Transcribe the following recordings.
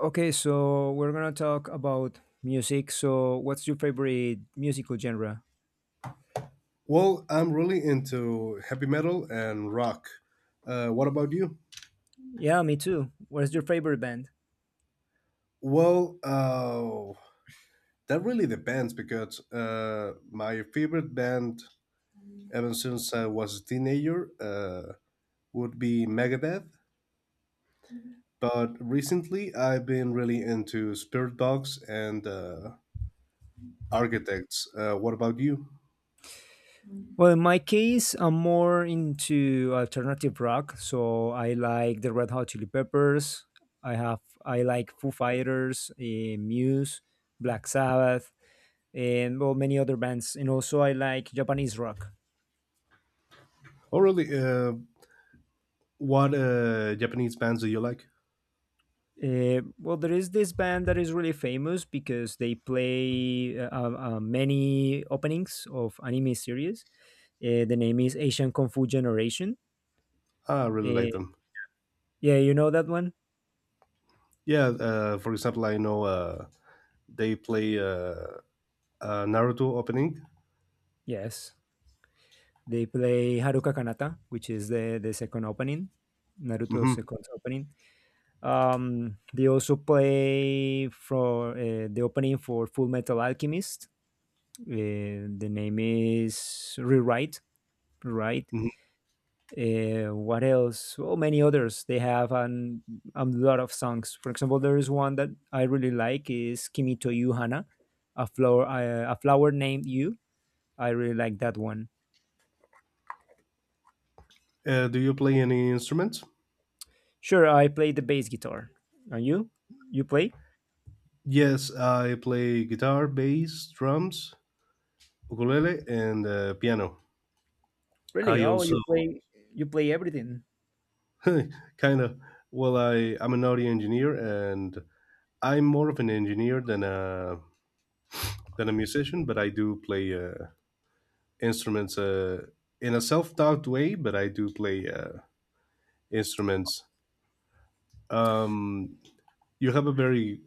Okay, so we're gonna talk about music. So, what's your favorite musical genre? Well, I'm really into heavy metal and rock. What about you? Yeah, me too. What's your favorite band? Well, uh, that really depends because my favorite band ever since I was a teenager would be Megadeth. But recently, I've been really into Spirit Box and Architects. What about you? Well, in my case, I'm more into alternative rock. So, I like the Red Hot Chili Peppers. I have I like Foo Fighters, Muse, Black Sabbath, and well, many other bands. And also, I like Japanese rock. Oh, really? What Japanese bands do you like? Well, there is this band that is really famous because they play many openings of anime series. The name is Asian Kung Fu Generation. I really like Uh, them. yeah, you know that one? Yeah, for example, I know they play Naruto opening. Yes. They play Haruka Kanata, which is the second opening, Naruto's hmm second opening. They also play for the opening for Full Metal Alchemist. The name is Rewrite. Rewrite. hmm What else? Well, many others. A lot of songs. For example, there is one that I really like is Kimi to You Hana, a flower named You. I really like that one. do you play any instruments? Sure, I play the bass guitar. And you? You play? Yes, I play guitar, bass, drums, ukulele, and piano. Really? I Oh, also you play? You play everything? kind of well, I'm an audio engineer, and I'm more of an engineer than a musician, but I do play instruments in a self-taught way. But I do play instruments. Um, you have a very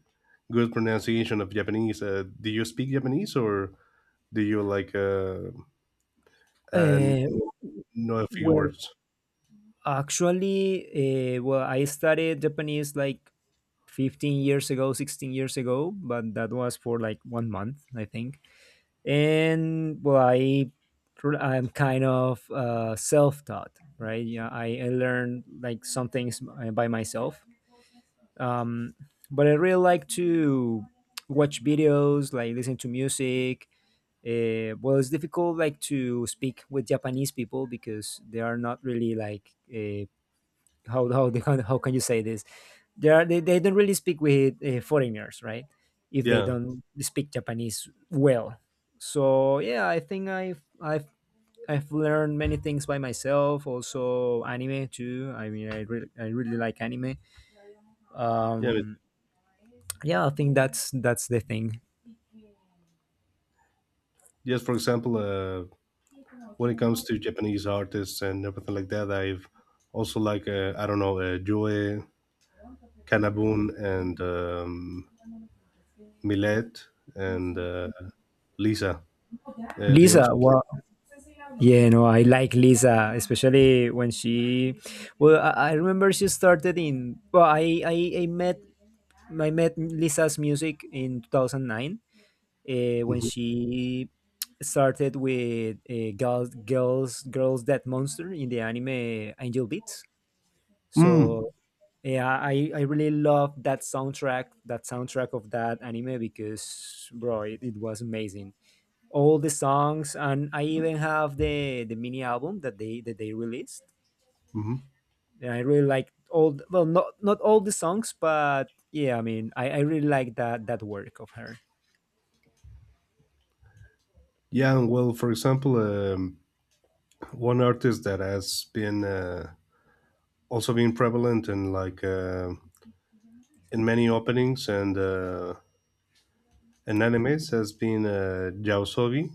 good pronunciation of Japanese. Do you speak Japanese or? Do you like and Uh, know a few well, words? Actually, I studied Japanese like 15 years ago, 16 years ago, but that was for like 1 month, I think. And well, I'm kind of self-taught, right? I learned like some things by myself. um, but I really like to watch videos, like listen to music. Well, it's difficult like to speak with Japanese people because they are not really like how can you say this, they don't really speak with foreigners, right? If they Yeah, don't speak Japanese well. So yeah, I think I've I've learned many things by myself. Also anime too. I mean, I really like anime. yeah, but Um, yeah, I think that's the thing. just for example, when it comes to Japanese artists and everything like that, I've also like I don't know, Joe Kanabun and Millet and Lisa. They Lisa, also play. well, yeah, no, I like Lisa, especially when she. Well, I remember she started in. Well, I met Lisa's music in 2009, when Mhm. she started with girls girls girls dead monster in the anime Angel Beats. Mm. So yeah, I really love that soundtrack, that soundtrack of that anime, because bro, it was amazing. All the songs, and I even have the mini album that they released. Mhm. And I really like well, not all the songs, but yeah, I mean, I really like that work of her. Yeah, and well, for example, one artist that has been also been prevalent in like in many openings and in animes has been Yaosobi.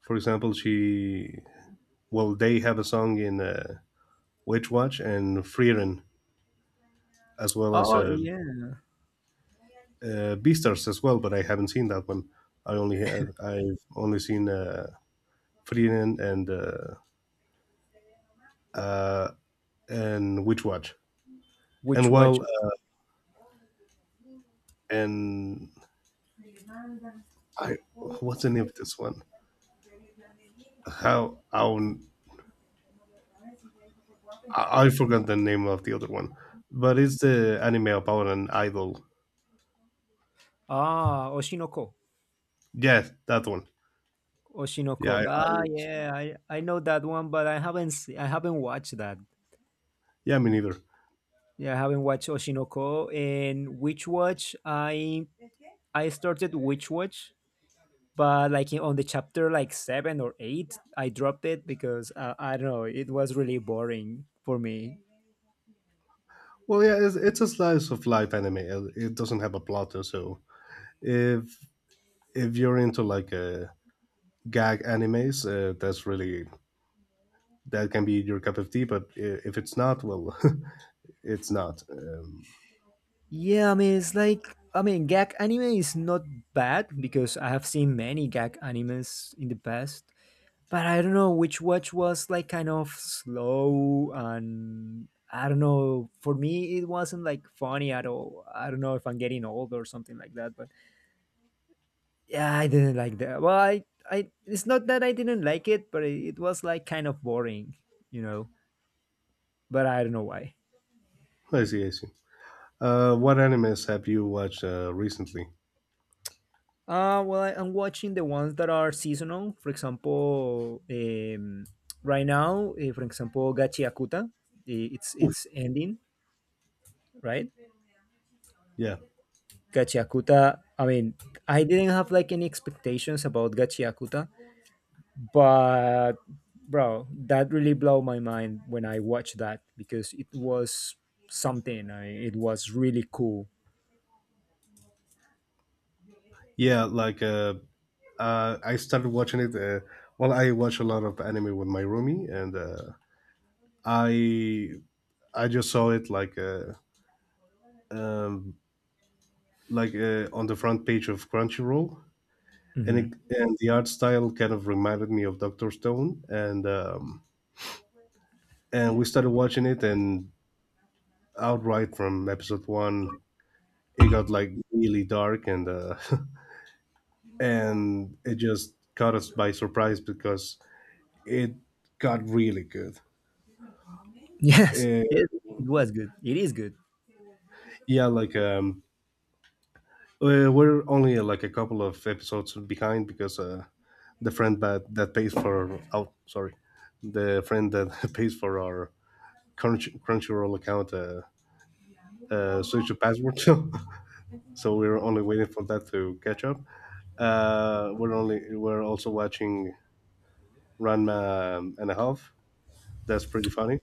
For example, she well they have a song in Witch Watch and Frieren as well as Oh yeah. Beastars as well, but I haven't seen that one. I've only seen Freeren uh, and Witch Watch. And Which Watch. well, and I what's the name of this one? How how I forgot the name of the other one, but it's the anime about an idol. Ah, Oshinoko. Yes, that one. Yeah, Oshinoko. Ah, I yeah, I know that one, but I haven't watched that. yeah, me neither. Yeah, I haven't watched Oshinoko and Witch Watch. I started Witch Watch, but on the chapter like seven or eight, I dropped it because I don't know, it was really boring for me. Well, yeah, it's a slice of life anime. It doesn't have a plot, so if if you're into like gag animes, that's really that can be your cup of tea. But if it's not, well, it's not. Yeah, I mean it's like I mean gag anime is not bad because I have seen many gag animes in the past, but I don't know, which watch was like kind of slow and I don't know. For me, it wasn't like funny at all. I don't know if I'm getting old or something like that, but yeah, I didn't like that. Well, it's not that I didn't like it, but it was like kind of boring, you know. But I don't know why. I see, I see. What animes have you watched recently? I'm watching the ones that are seasonal. For example, right now, for example, Gachi Akuta, it's Oof. Ending, right? Yeah, Gachiakuta, I mean, I didn't have like any expectations about Gachiakuta, but bro, that really blew my mind when I watched that because it was something. It was really cool. yeah, like I started watching it. Well, I watch a lot of anime with my roomie, and I I just saw it um, like on the front page of Crunchyroll, and Hmm. And the art style kind of reminded me of Doctor Stone, and we started watching it, and outright from episode one, it got like really dark, and and it just caught us by surprise because it got really good. Yes, Uh, yes, it was good. It is good. yeah, like we're only like a couple of episodes behind because the friend that pays for oh sorry the friend that pays for our Crunchyroll account switch the password. So we're only waiting for that to catch up. We're also watching Ranma and a half. That's pretty funny.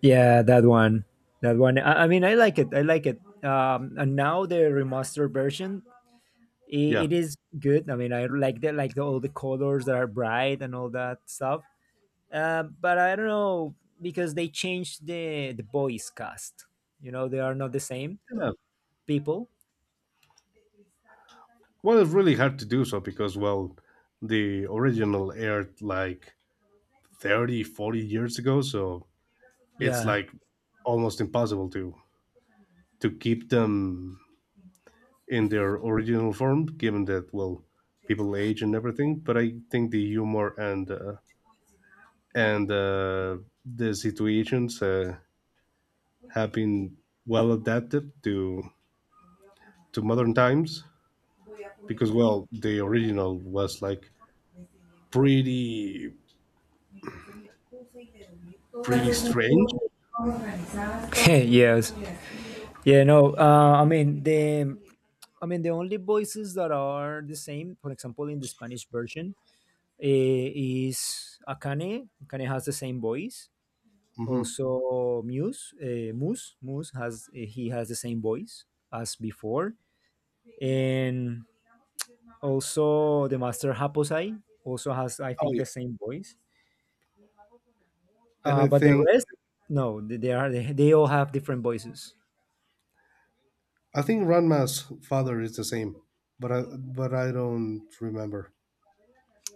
Yeah, that one. That one. I mean, I like it. I like it. And now the remastered version, I Yeah, it is good. I mean, I like the, all the colors that are bright and all that stuff. But I don't know, because they changed the voice cast. You know, they are not the same yeah. people. Well, it's really hard to do so because well, the original aired like 30 40 years ago, so it's Yeah. like almost impossible to keep them in their original form, given that well, people age and everything. But I think the humor and and uh, the situations have been well adapted to modern times because well, the original was like pretty pretty strange. Yes. Yeah. No. I mean the only voices that are the same. For example, in the Spanish version, eh, is Akane. Akane has the same voice. Hmm. Also, Muse. Moose has he has the same voice as before, and also, the master Haposai also has, I Oh think, yeah. the same voice. And But the rest, no, they all have different voices. I think Ranma's father is the same, but I don't remember.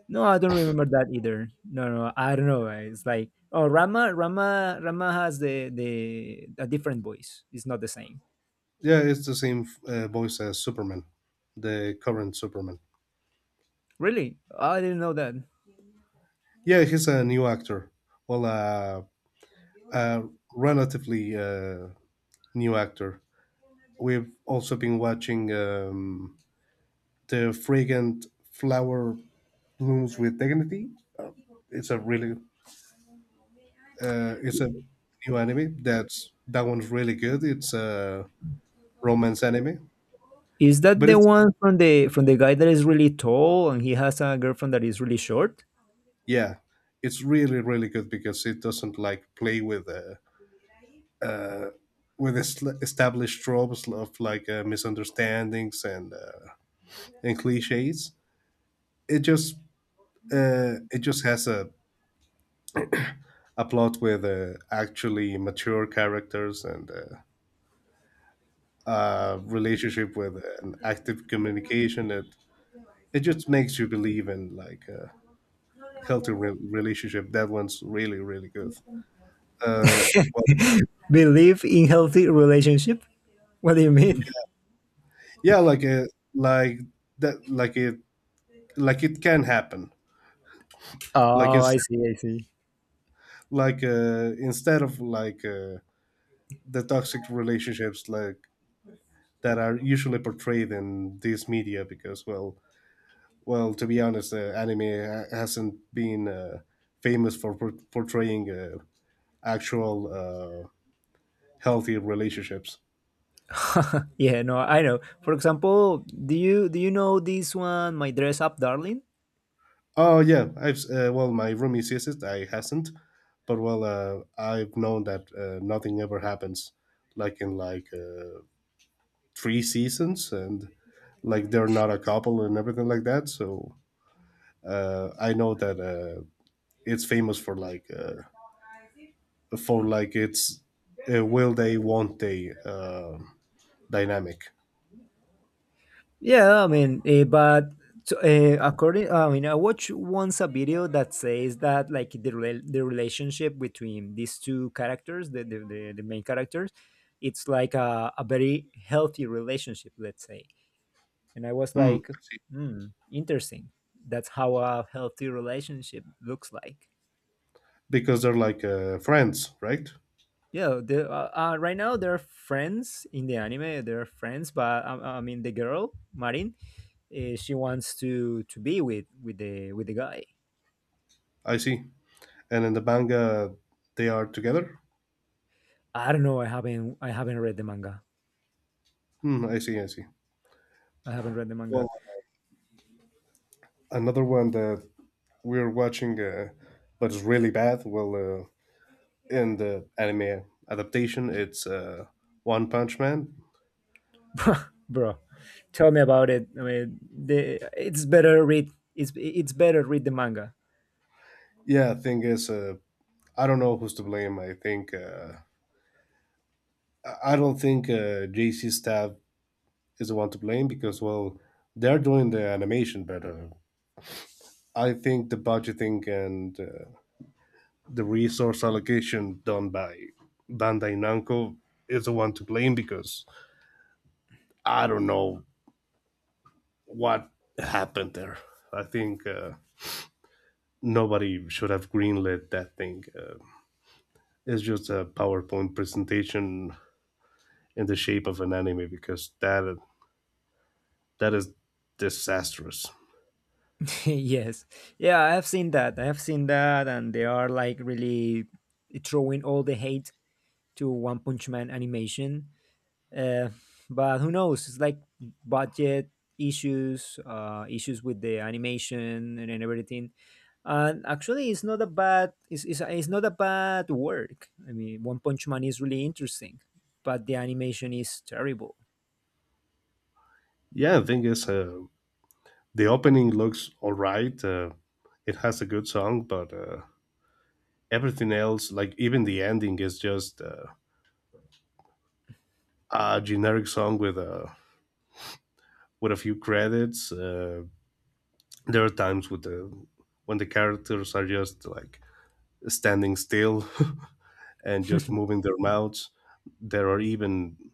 No, I don't remember that either. No, no, I don't know. It's like oh, Rama has the a different voice. It's not the same. Yeah, it's the same voice as Superman, the current Superman. Really, I didn't know that. Yeah, he's a new actor. Well, a relatively new actor. We've also been watching the fragrant flower blooms with dignity. Uh, it's a really, it's a new anime. That's that one's really good. It's a romance anime, Is that but the it's one from the guy that is really tall and he has a girlfriend that is really short? yeah, it's really really good because it doesn't like play uh, with established tropes of like misunderstandings and cliches. It just it just has a plot with actually mature characters and a relationship with an active communication. It just makes you believe in like a healthy relationship. That one's really really good. Uh, well, Believe in healthy relationship. What do you mean? yeah, like like that like it can happen. Like Oh, instead I see, I see. like instead of like the toxic relationships like that are usually portrayed in this media because well well to be honest anime hasn't been famous for portraying actual healthy relationships. Yeah, no, I know. For example, do you know this one, My Dress Up Darling? Oh yeah, I've well my roomie says it I hasn't but well I've known that nothing ever happens like in like three seasons and like they're not a couple and everything like that so I know that it's famous for like it's a will they won't they dynamic. Yeah, I mean, according, I mean, I watched once a video that says that like the relationship between these two characters, the main characters, it's like a very healthy relationship, let's say. And I was Hmm. like, hmm, interesting. That's how a healthy relationship looks like. Because they're like friends right. Yeah, right now they're friends in the anime. They're friends, but I mean the girl Marin, she wants to be with with the guy. I see. And in the manga they are together. I don't know. I haven't read the manga. Hmm, I see I see. I haven't read the Well manga. another one that we're watching but it's really bad well in the anime adaptation it's One Punch Man. Bro. Tell me about it. I mean, the it's better read. It's better read the manga. Yeah thing is I don't know who's to blame I I don't think JC Staff is the one to blame because well they're doing the animation better. I think the budgeting and the resource allocation done by Bandai Namco is the one to blame because I don't know what happened there. I think nobody should have greenlit that thing. It's just a PowerPoint presentation in the shape of an anime because that is disastrous. Yes, yeah, I have seen that. I have seen that, and they are like really throwing all the hate to One Punch Man animation. Uh, but who knows? It's like budget issues, issues with the animation, and everything. And actually, it's, it's not a bad work. I mean, One Punch Man is really interesting, but the animation is terrible. Yeah the thing is the opening looks all right. It has a good song, but everything else, like even the ending, is just a generic song with a few credits. There are times with the when the characters are just like standing still and just moving their mouths. There are even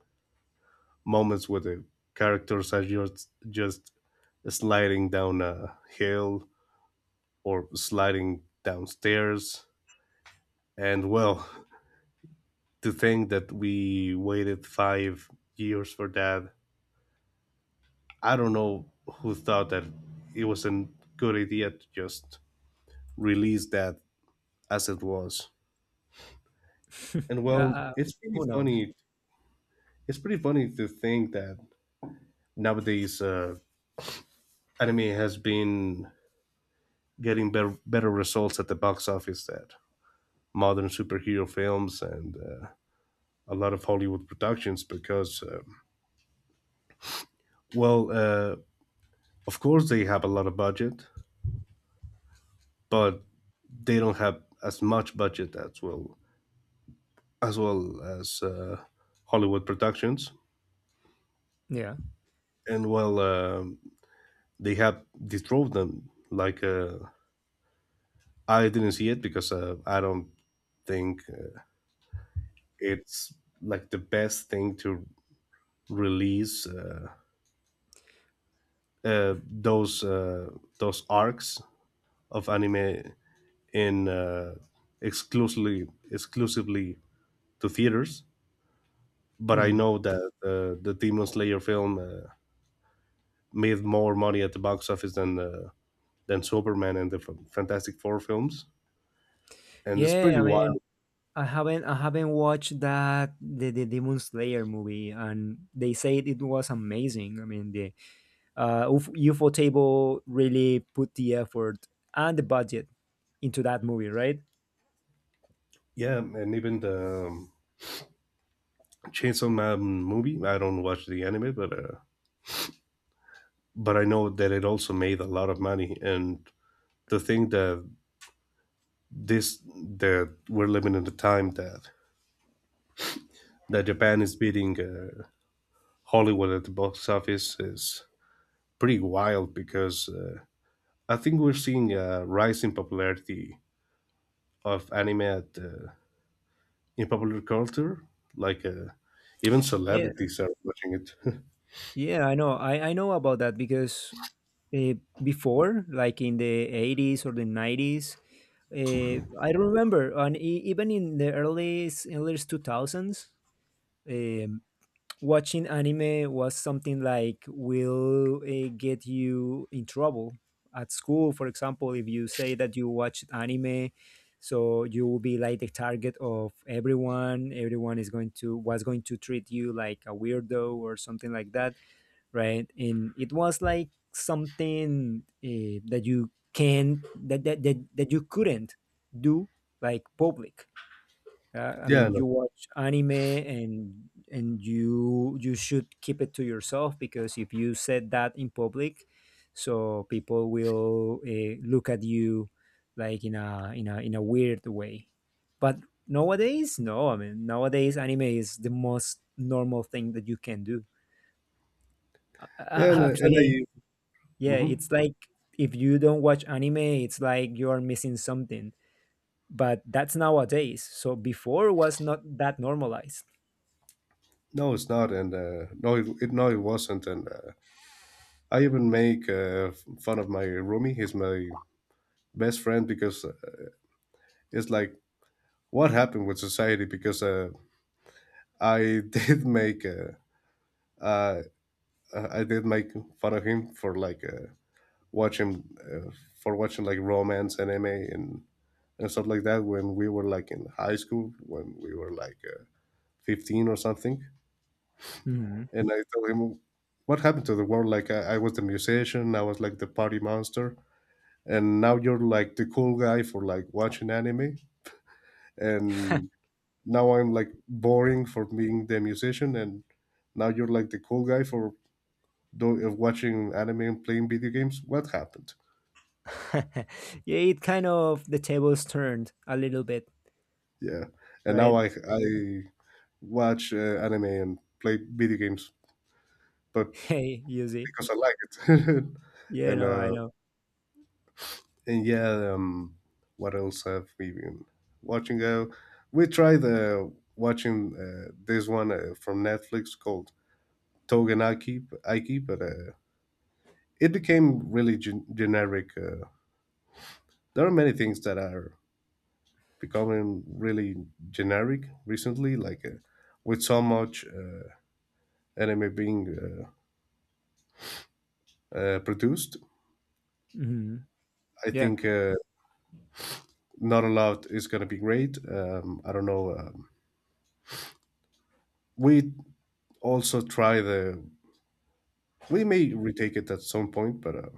moments where the characters are just sliding down a hill or sliding downstairs. And well, to think that we waited 5 years for that. I don't know who thought that it was a good idea to just release that as it was. And Uh, well, uh, it's pretty who knows? funny. It's pretty funny to think that nowadays anime has been getting better results at the box office than modern superhero films and a lot of Hollywood productions because, well, of course they have a lot of budget, but they don't have as much budget as well as well as Hollywood productions, Yeah. and well, they have dethrone them. Like I didn't see it because I don't think it's like the best thing to release uh, those uh, those arcs of anime in exclusively exclusively to theaters. But I Mhm. know that the Demon Slayer film made more money at the box office than Superman and the Fantastic Four films, and it's Yeah, pretty I mean, wild. I haven't watched the Demon Slayer movie, and they said it was amazing. I mean, the uh, UFO Table really put the effort and the budget into that movie, right? Yeah, and even the Chainsaw Man movie. I don't watch the anime, but I know that it also made a lot of money. And to think that this that we're living in the time that Japan is beating Hollywood at the box office is pretty wild because I think we're seeing a rise in popularity of anime at in popular culture. Like even Yeah, celebrities are watching it. yeah, I know. I know about that because uh, before, like in the 80s or the 90s, I don't remember, and even in the early 2000s, um, watching anime was something like will get you in trouble at school. For example, if you say that you watched anime, so you will be like the target of everyone. Everyone is going to, was going to, treat you like a weirdo or something like that, right? And it was like something that you can that, that that that you couldn't do like public. I Yeah, mean, no, you watch anime and you should keep it to yourself, because if you said that in public, so people will look at you like in a in a in a weird way. But nowadays, no. I mean, nowadays anime is the most normal thing that you can do. Uh, yeah, and, uh, uh, and actually, I yeah, Mhm. it's like if you don't watch anime, it's like you are missing something. But that's nowadays. So before was not that normalized. No, it's not, and no, it no, it wasn't, and I even make fun of my roomie. He's my best friend because it's like what happened with society because I did make uh, I did make fun of him for like watching for watching like romance anime and stuff like that when we were like in high school, when we were like 15 or something. Mhm. And I told him, what happened to the world? Like, I was the musician, I was like the party monster. And now you're like the cool guy for like watching anime. And now I'm like boring for being the musician. And now you're like the cool guy for watching anime and playing video games. What happened? Yeah, it kind of the tables turned a little bit, Yeah. And now right? I, I watch anime and play video games. But Hey, Yuzi. because I like it. Yeah, and no, I uh, know. and yeah, what else have we been watching? We tried watching this one from Netflix called Aiki but it became really generic. There are many things that are becoming really generic recently, like with so much anime being produced. Hmm. I Yeah. think not a lot is going to be great. I don't know. We also try the. We may retake it at some point, but uh,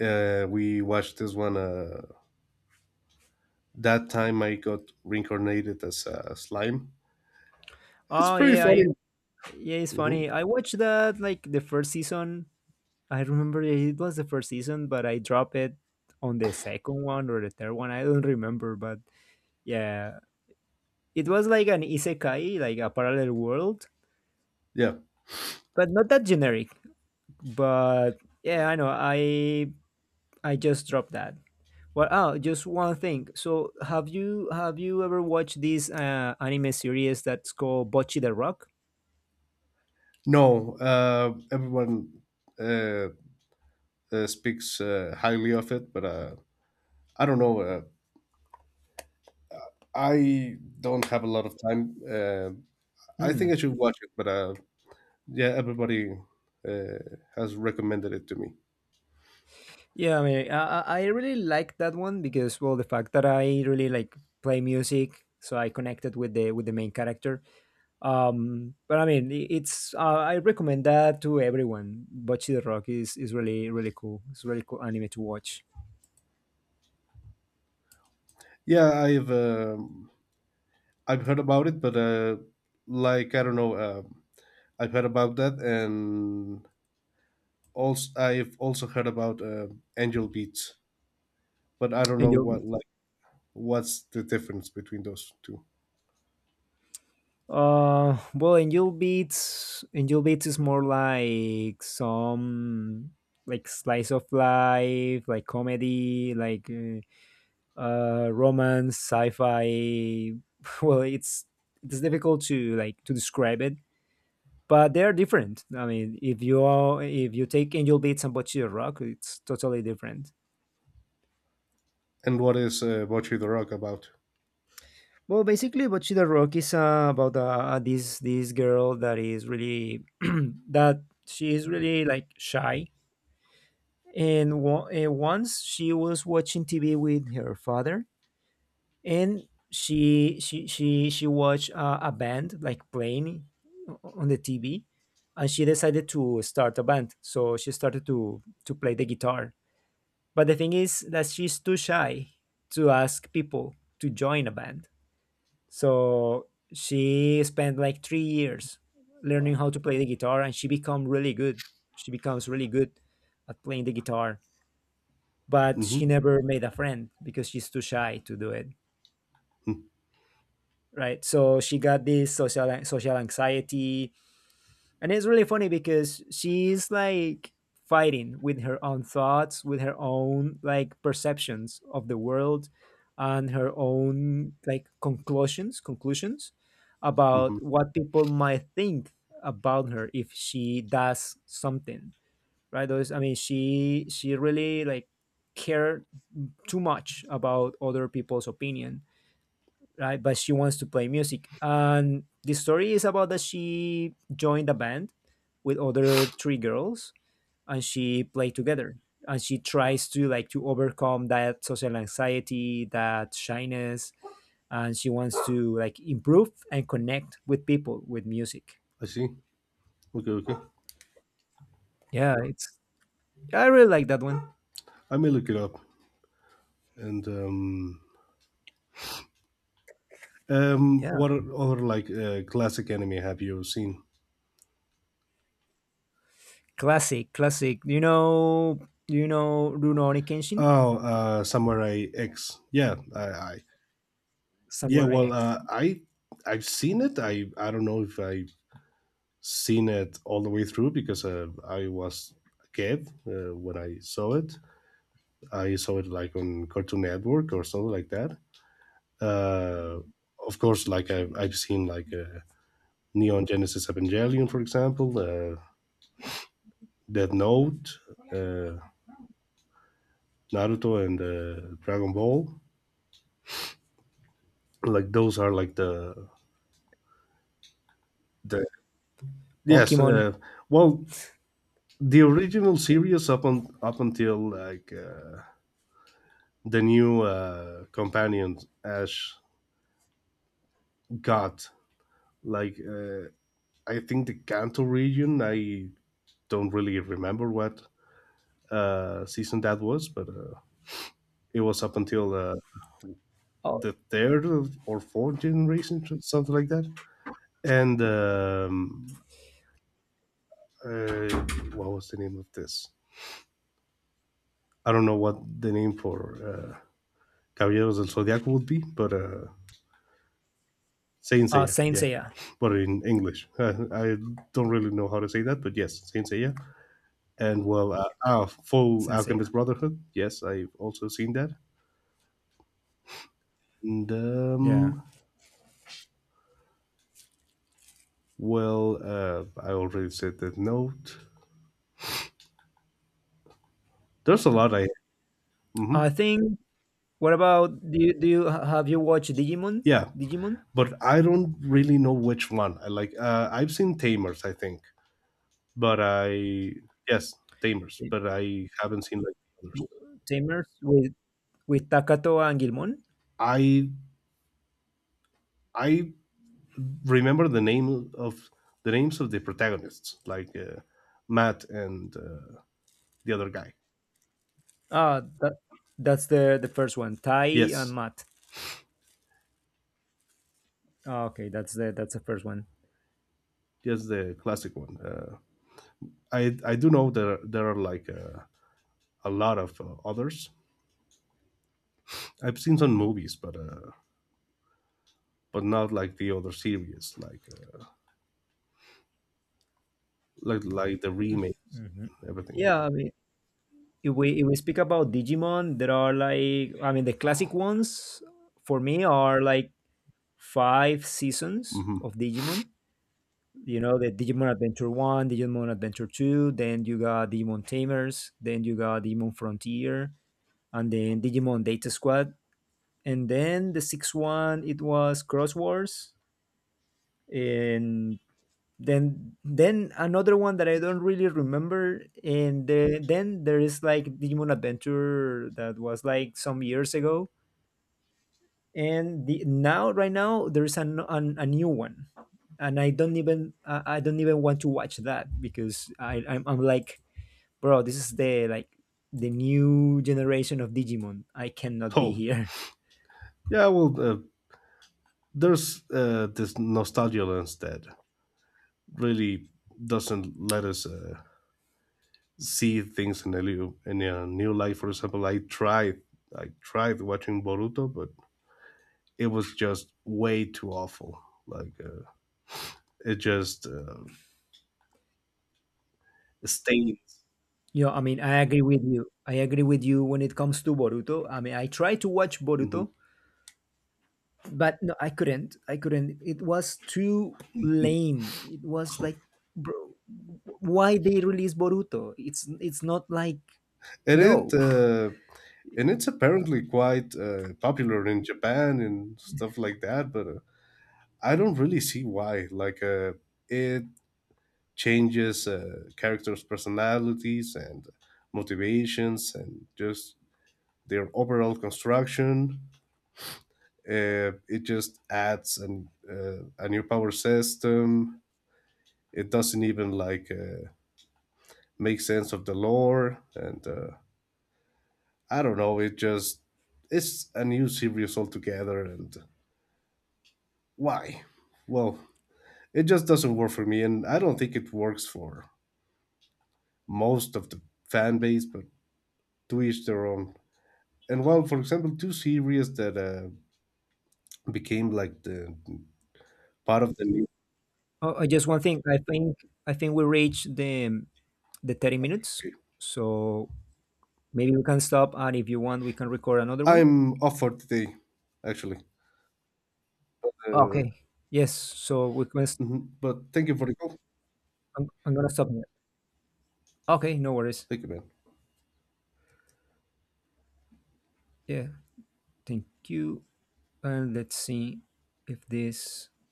uh, we watched this one. That time I got reincarnated as a slime. It's Oh, pretty yeah. I funny. Yeah, it's Mhm. funny. I watched that like the first season. I remember it was the first season, but I dropped it on the second one or the third one. I don't remember, but yeah, it was like an isekai, like a parallel world, Yeah. but not that generic. But yeah, I know. I just dropped that. Well, oh, just one thing. So, have you ever watched this anime series that's called Bocchi the Rock? No, everyone uh, speaks highly of it, but I don't know. I don't have a lot of time. I think Hmm. I should watch it, but yeah, everybody uh, has recommended it to me. Yeah, I mean, I really like that one because, well, the fact that I really like play music, so I connected with the main character. But I mean, it's I recommend that to everyone. Bocchi the Rock is really really cool. It's a really cool anime to watch. Yeah, I've I've heard about it, but like I don't know, I've heard about that, and also I've also heard about Angel Beats, but I don't And know you. What's the difference between those two, Angel Beats, Angel Beats is more like some like slice of life, like comedy, like romance, sci-fi. Well, it's difficult to like to describe it, but they are different. I mean, if you take Angel Beats and Bocchi the Rock, it's totally different. and what is Bocce the Rock about? Well, basically, Bocchi the Rock is about this girl that is really that she is really like shy, and once she was watching TV with her father, and she watched a band like playing on the TV, and she decided to start a band. So she started to play the guitar. But the thing is that she's too shy to ask people to join a band. So she spent like 3 years learning how to play the guitar, and she become really good. She becomes really good at playing the guitar, but she Mm-hmm. never made a friend because she's too shy to do it, right? So she got this social anxiety, and it's really funny because she's like fighting with her own thoughts, with her own like perceptions of the world, and her own like conclusions Mm-hmm. about what people might think about her if she does something, right? those I mean, she really like cared too much about other people's opinion, right? But she wants to play music. And the story is about that she joined a band with other three girls and she played together. And she tries to like to overcome that social anxiety, that shyness, and she wants to like improve and connect with people with music. I see. Okay, okay. Yeah, it's I really like that one. I may look it up. And Yeah. what other like classic anime have you seen? Classic, classic. You know Rurouni Kenshin? Oh, Samurai X. Yeah, I, yeah, Samurai well, X. I've seen it. I don't know if I've seen it all the way through because I was a kid when I saw it. I saw it like on Cartoon Network or something like that. Uh, of course, like I've seen like Neon Genesis Evangelion, for example, Death Note, uh, Naruto, and Dragon Ball. Like those are like the yes. Pokemon. Well, the original series up until like the new companion Ash got like I think the Kanto region. I don't really remember what season that was, but it was up until Oh, the third or fourth generation, something like that. And what was the name of this? I don't know what the name for Caballeros del Zodiaco would be, but Saint Seiya, Saint yeah. Seiya, But in English, I don't really know how to say that, but yes, Saint Seiya. And well, Full Saint Alchemist Seiya. Brotherhood. Yes, I've also seen that. And Yeah. Well, I already said that note. There's a lot. I I mhm. think. What about have you watched Digimon? Yeah, Digimon but I don't really know which one I like. I've seen Tamers, I think, but I yes, Tamers, Tam- but I haven't seen like the others. Tamers with Takato and Gilmon. I I remember the names of the protagonists, like Matt and the other guy. Ah, that's the first one. Tai and Yes, Matt. Ah, okay, that's the first one. yes, the classic one. I do know there are like a lot of others. I've seen some movies, but not like the other series, like like the remake, and everything. Yeah, I mean, if we speak about Digimon, there are like I mean the classic ones for me are like five seasons Hmm. of Digimon. You know, the Digimon Adventure 1, Digimon Adventure 2, then you got Digimon Tamers, then you got Digimon Frontier, and then Digimon Data Squad, and then the sixth one, it was Cross Wars, and then another one that I don't really remember, and then there is like Digimon Adventure that was like some years ago, and the now right now there's a new one, and I don't even want to watch that because I'm like, bro, this is the new generation of Digimon, I cannot be Oh, here. yeah. Well, there's this nostalgia lens that really doesn't let us see things in a new light. For example, I tried watching Boruto, but it was just way too awful. Like it just stains. You know, I mean, I agree with you when it comes to Boruto. I mean, I tried to watch Mhm. Boruto, but no, I couldn't. It was too lame. It was like bro, why they release Boruto, it's not like and no. it uh, and it's apparently quite popular in Japan and stuff like that. But I don't really see why. Like it changes characters' personalities and motivations and just their overall construction. It just adds a new power system. It doesn't even like make sense of the lore, and I don't know. It's a new series altogether, and why? Well, it just doesn't work for me, and I don't think it works for most of the fan base. But to each their own. And well, for example, two series that became like the part of the new. Oh, just one thing. I think we reached the 30 minutes, so maybe we can stop, and if you want, we can record another one. I'm off for today, actually. Uh, Okay. Yes. So we can. Mhm. But thank you for the call. I'm gonna stop here. Okay. No worries. Thank you, man. Yeah. Thank you. And let's see if this